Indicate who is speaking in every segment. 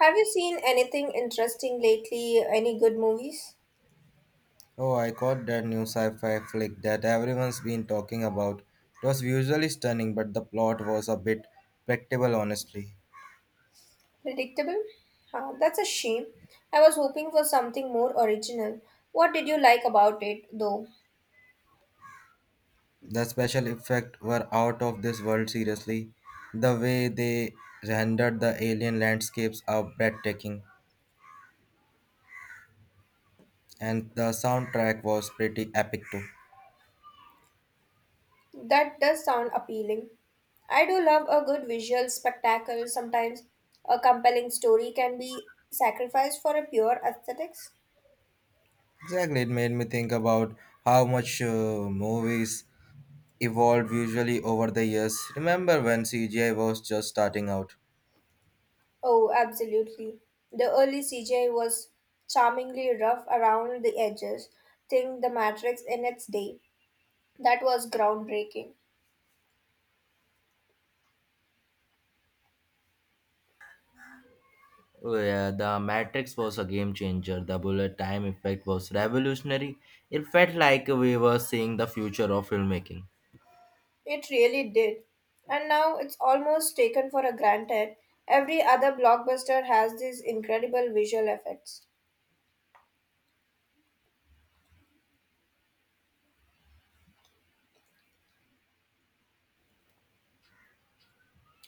Speaker 1: Have you seen anything interesting lately? Any good movies?
Speaker 2: Oh, I caught that new sci-fi flick that everyone's been talking about. It was visually stunning, but the plot was a bit predictable, honestly.
Speaker 1: Predictable? Huh, that's a shame. I was hoping for something more original. What did you like about it, though?
Speaker 2: The special effects were out of this world, seriously. The way they rendered the alien landscapes are breathtaking, and the soundtrack was pretty epic too.
Speaker 1: That does sound appealing. I do love a good visual spectacle. Sometimes a compelling story can be sacrificed for a pure aesthetics.
Speaker 2: Exactly, it made me think about how much movies evolved visually over the years. Remember when CGI was just starting out?
Speaker 1: Oh, absolutely. The early CGI was charmingly rough around the edges. Think the Matrix in its day. That was groundbreaking.
Speaker 2: Yeah, the Matrix was a game changer. The bullet time effect was revolutionary. It felt like we were seeing the future of filmmaking.
Speaker 1: It really did. And now it's almost taken for a granted. Every other blockbuster has these incredible visual effects.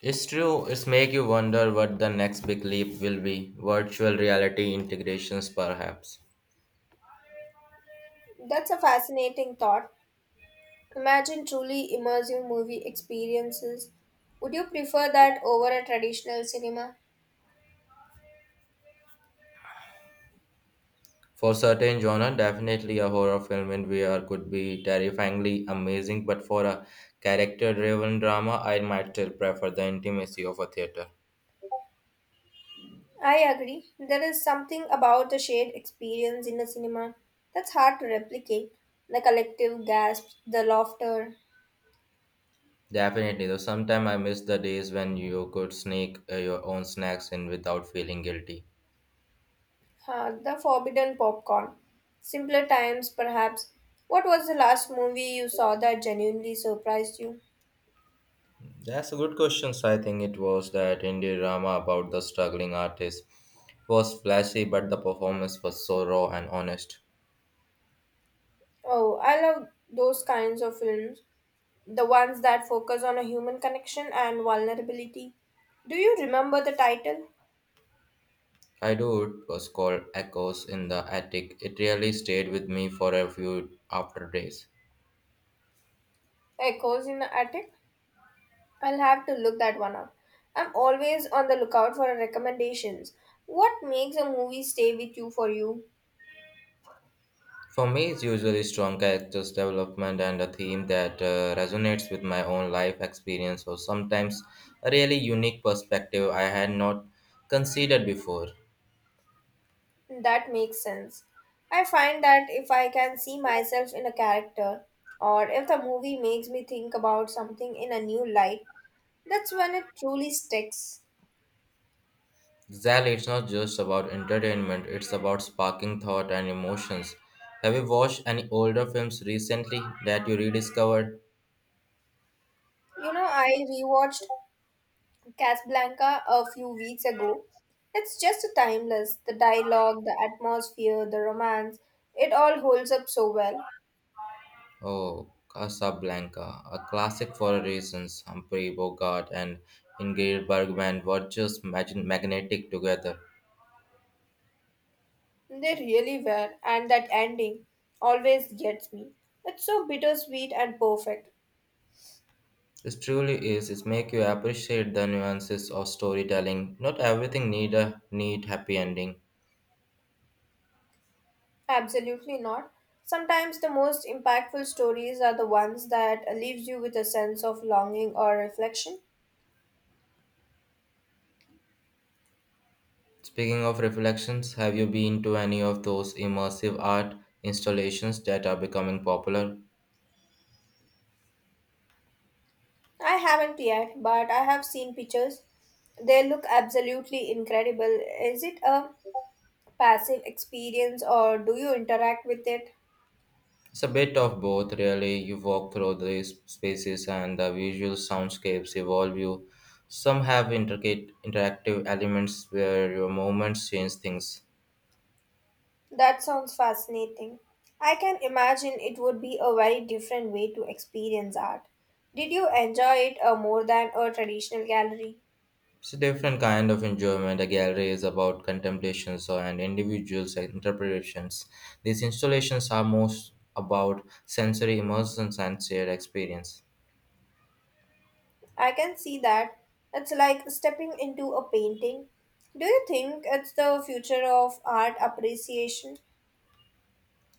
Speaker 2: It's true, it's make you wonder what the next big leap will be. Virtual reality integrations perhaps.
Speaker 1: That's a fascinating thought. Imagine truly immersive movie experiences. Would you prefer that over a traditional cinema?
Speaker 2: For certain genre, definitely a horror film in VR could be terrifyingly amazing, but for a character-driven drama, I might still prefer the intimacy of a theater.
Speaker 1: I agree. There is something about the shared experience in a cinema that's hard to replicate. The collective gasps, the laughter.
Speaker 2: Definitely, though sometimes I miss the days when you could sneak your own snacks in without feeling guilty.
Speaker 1: Huh, the forbidden popcorn. Simpler times, perhaps. What was the last movie you saw that genuinely surprised you?
Speaker 2: That's a good question. So I think it was that indie drama about the struggling artist. It was flashy, but the performance was so raw and honest.
Speaker 1: Oh, I love those kinds of films. The ones that focus on a human connection and vulnerability. Do you remember the title?
Speaker 2: I do, it was called Echoes in the Attic. It really stayed with me for a few after days.
Speaker 1: Echoes in the Attic? I'll have to look that one up. I'm always on the lookout for recommendations. What makes a movie stay with you for you?
Speaker 2: For me, it's usually strong characters development and a theme that resonates with my own life experience, or sometimes a really unique perspective I had not considered before.
Speaker 1: That makes sense. I find that if I can see myself in a character, or if the movie makes me think about something in a new light, that's when it truly sticks.
Speaker 2: Exactly, it's not just about entertainment, it's about sparking thought and emotions. Have you watched any older films recently that you rediscovered?
Speaker 1: You know, I rewatched Casablanca a few weeks ago. It's just timeless. The dialogue, the atmosphere, the romance, it all holds up so well.
Speaker 2: Oh, Casablanca, a classic for a reasons. Humphrey Bogart and Ingrid Bergman were just magnetic together.
Speaker 1: They really were, and that ending always gets me. It's so bittersweet and perfect.
Speaker 2: This truly is. It makes you appreciate the nuances of storytelling. Not everything need a neat happy ending.
Speaker 1: Absolutely not. Sometimes the most impactful stories are the ones that leaves you with a sense of longing or reflection.
Speaker 2: Speaking of reflections, have you been to any of those immersive art installations that are becoming popular?
Speaker 1: I haven't yet, but I have seen pictures. They look absolutely incredible. Is it a passive experience or do you interact with it?
Speaker 2: It's a bit of both, really. You walk through these spaces and the visual soundscapes evolve you. Some have intricate interactive elements where your movements change things.
Speaker 1: That sounds fascinating. I can imagine it would be a very different way to experience art. Did you enjoy it more than a traditional gallery?
Speaker 2: It's a different kind of enjoyment. A gallery is about and individuals' interpretations. These installations are most about sensory immersions and shared experience.
Speaker 1: I can see that. It's like stepping into a painting. Do you think it's the future of art appreciation?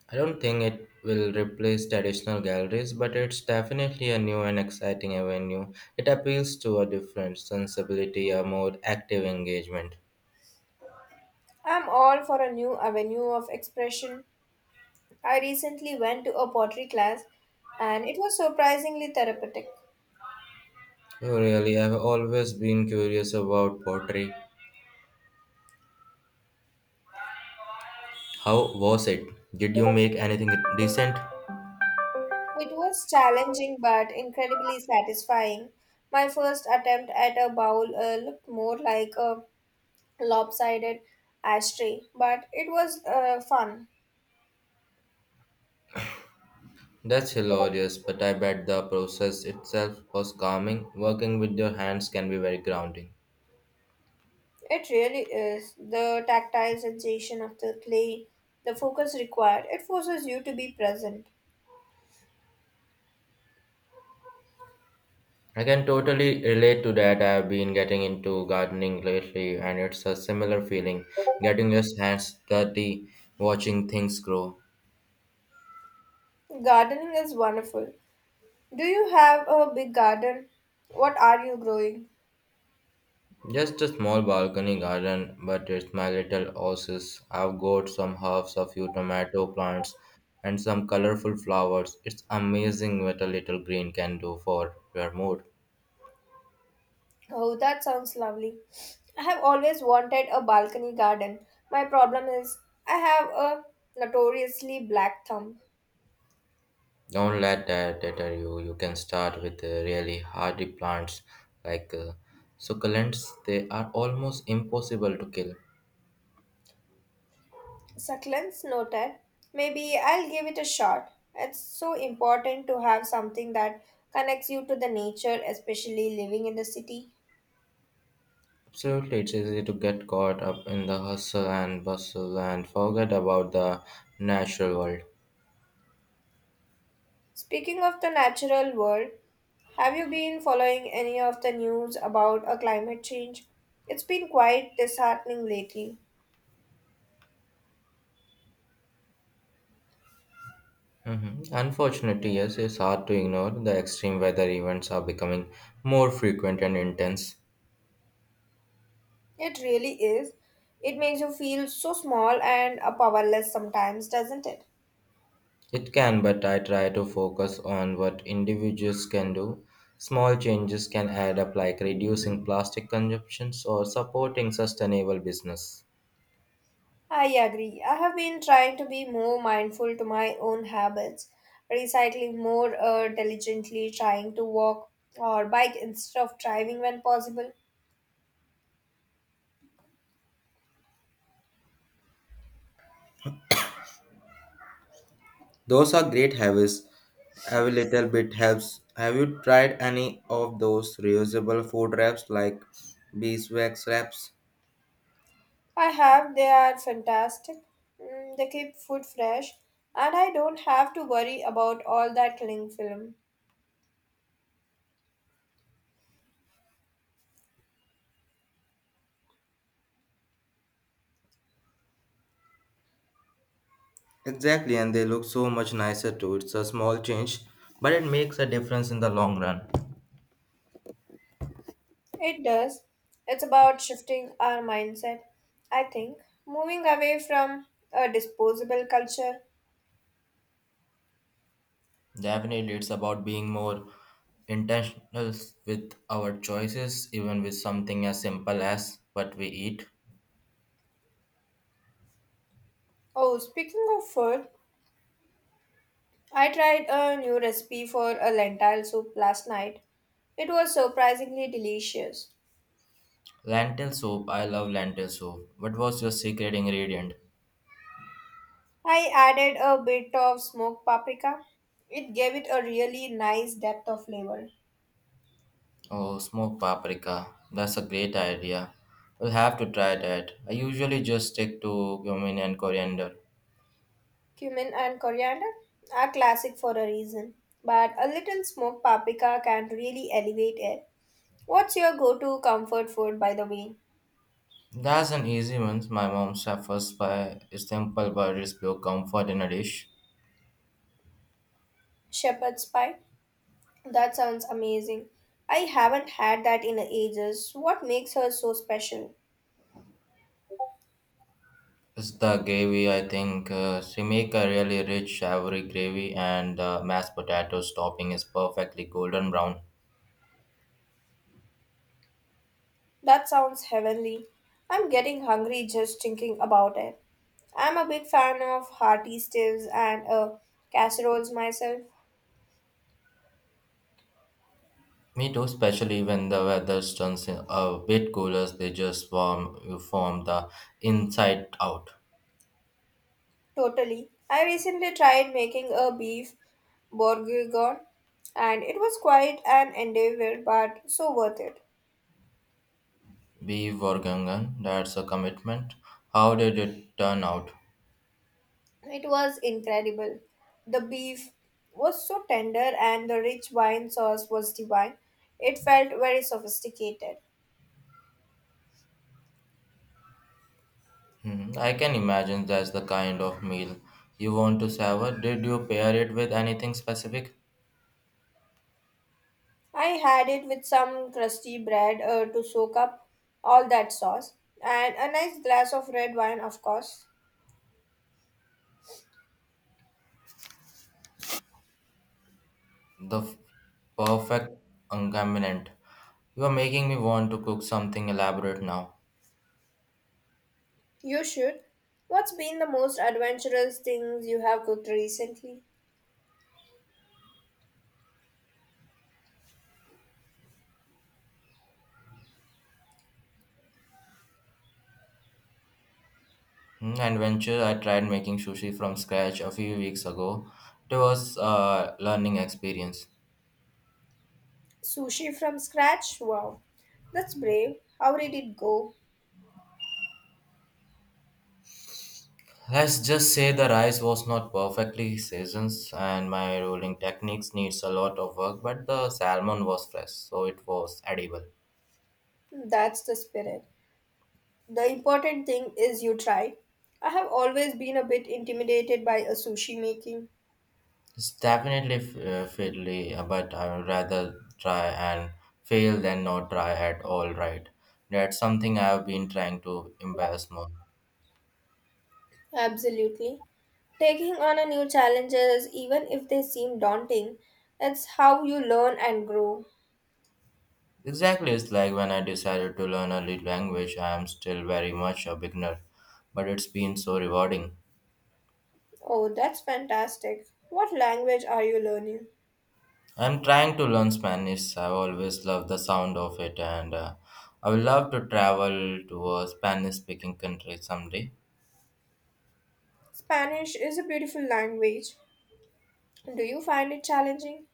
Speaker 2: I don't think it will replace traditional galleries, but it's definitely a new and exciting avenue. It appeals to a different sensibility, a more active engagement.
Speaker 1: I'm all for a new avenue of expression. I recently went to a pottery class and it was surprisingly therapeutic.
Speaker 2: Oh, really, I've always been curious about pottery. How was it? Did you make anything decent?
Speaker 1: It was challenging but incredibly satisfying. My first attempt at a bowl looked more like a lopsided ashtray, but it was fun.
Speaker 2: That's hilarious, but I bet the process itself was calming. Working with your hands can be very grounding.
Speaker 1: It really is. The tactile sensation of the clay, the focus required, it forces you to be present.
Speaker 2: I can totally relate to that. I've been getting into gardening lately, and it's a similar feeling, getting your hands dirty, watching things grow.
Speaker 1: Gardening is wonderful. Do you have a big garden? What are you growing?
Speaker 2: Just a small balcony garden, but it's my little oasis. I've got some herbs, a few tomato plants, and some colorful flowers. It's amazing what a little green can do for your mood.
Speaker 1: Oh, that sounds lovely. I have always wanted a balcony garden. My problem is, I have a notoriously black thumb.
Speaker 2: Don't let that deter you. You can start with really hardy plants like succulents. They are almost impossible to kill.
Speaker 1: Succulents noted. Maybe I'll give it a shot. It's so important to have something that connects you to the nature, especially living in the city.
Speaker 2: Absolutely, it's easy to get caught up in the hustle and bustle and forget about the natural world.
Speaker 1: Speaking of the natural world, have you been following any of the news about a climate change? It's been quite disheartening lately.
Speaker 2: Mhm. Unfortunately, yes, it's hard to ignore. The extreme weather events are becoming more frequent and intense.
Speaker 1: It really is. It makes you feel so small and powerless sometimes, doesn't it?
Speaker 2: It can, but I try to focus on what individuals can do. Small changes can add up, like reducing plastic consumptions or supporting sustainable business.
Speaker 1: I agree. I have been trying to be more mindful to my own habits, recycling more diligently, trying to walk or bike instead of driving when possible.
Speaker 2: Those are great habits. Every little bit helps. Have you tried any of those reusable food wraps like beeswax wraps?
Speaker 1: I have, they are fantastic. Mm, they keep food fresh, and I don't have to worry about all that cling film.
Speaker 2: Exactly, and they look so much nicer too. It's a small change, but it makes a difference in the long run.
Speaker 1: It does. It's about shifting our mindset, I think, moving away from a disposable culture.
Speaker 2: Definitely, it's about being more intentional with our choices, even with something as simple as what we eat.
Speaker 1: Oh, speaking of food, I tried a new recipe for a lentil soup last night. It was surprisingly delicious.
Speaker 2: Lentil soup, I love lentil soup. What was your secret ingredient?
Speaker 1: I added a bit of smoked paprika. It gave it a really nice depth of flavor.
Speaker 2: Oh, smoked paprika. That's a great idea. We'll have to try that. I usually just stick to cumin and coriander.
Speaker 1: Cumin and coriander are classic for a reason, but a little smoked paprika can really elevate it. What's your go to comfort food, by the way?
Speaker 2: That's an easy one. My mom suffers by a simple but pure comfort in a dish.
Speaker 1: Shepherd's pie? That sounds amazing. I haven't had that in ages. What makes her so special?
Speaker 2: It's the gravy, I think. She make a really rich, savory gravy, and the mashed potatoes topping is perfectly golden brown.
Speaker 1: That sounds heavenly. I'm getting hungry just thinking about it. I'm a big fan of hearty stews and casseroles myself.
Speaker 2: Me too, especially when the weather turns a bit cooler, they just form the inside out.
Speaker 1: Totally. I recently tried making a beef bourguignon and it was quite an endeavor but so worth it.
Speaker 2: Beef Gangan, that's a commitment. How did it turn out?
Speaker 1: It was incredible. The beef was so tender and the rich wine sauce was divine. It felt very sophisticated.
Speaker 2: Hmm, I can imagine that's the kind of meal you want to savor. Did you pair it with anything specific?
Speaker 1: I had it with some crusty bread to soak up all that sauce, and a nice glass of red wine, of course.
Speaker 2: The f- Perfect accompaniment. You are making me want to cook something elaborate now.
Speaker 1: You should. What's been the most adventurous things you have cooked recently?
Speaker 2: Hmm, and venture, I tried making sushi from scratch a few weeks ago. It was a learning experience.
Speaker 1: Sushi from scratch? Wow, that's brave. How did it go?
Speaker 2: Let's just say the rice was not perfectly seasoned, and my rolling techniques needs a lot of work, but the salmon was fresh, so it was edible.
Speaker 1: That's the spirit. The important thing is you try. I have always been a bit intimidated by a sushi making.
Speaker 2: It's definitely fiddly, but I would rather try and fail than not try at all, right? That's something I've been trying to embrace more.
Speaker 1: Absolutely. Taking on a new challenges, even if they seem daunting, it's how you learn and grow.
Speaker 2: Exactly, it's like when I decided to learn a language, I am still very much a beginner, but it's been so rewarding.
Speaker 1: Oh, that's fantastic. What language are you learning?
Speaker 2: I'm trying to learn Spanish, I've always loved the sound of it, and I would love to travel to a Spanish speaking country someday.
Speaker 1: Spanish is a beautiful language. Do you find it challenging?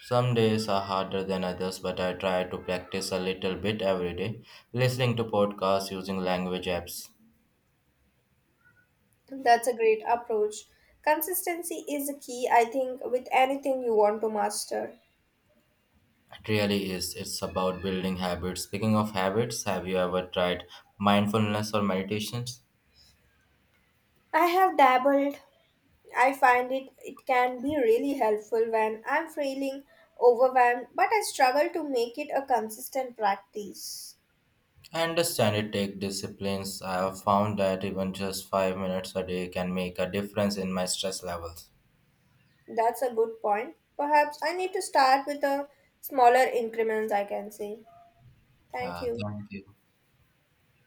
Speaker 2: Some days are harder than others, but I try to practice a little bit every day, listening to podcasts, using language apps.
Speaker 1: That's a great approach. Consistency is a key, I think, with anything you want to master.
Speaker 2: It really is. It's about building habits. Speaking of habits, have you ever tried mindfulness or meditations?
Speaker 1: I have dabbled, I find it can be really helpful when I'm feeling overwhelmed, but I struggle to make it a consistent practice.
Speaker 2: I understand it takes disciplines. I have found that even just 5 minutes a day can make a difference in my stress levels.
Speaker 1: That's a good point. Perhaps I need to start with a smaller increments I can say. Thank
Speaker 2: Yeah,
Speaker 1: you.
Speaker 2: thank you.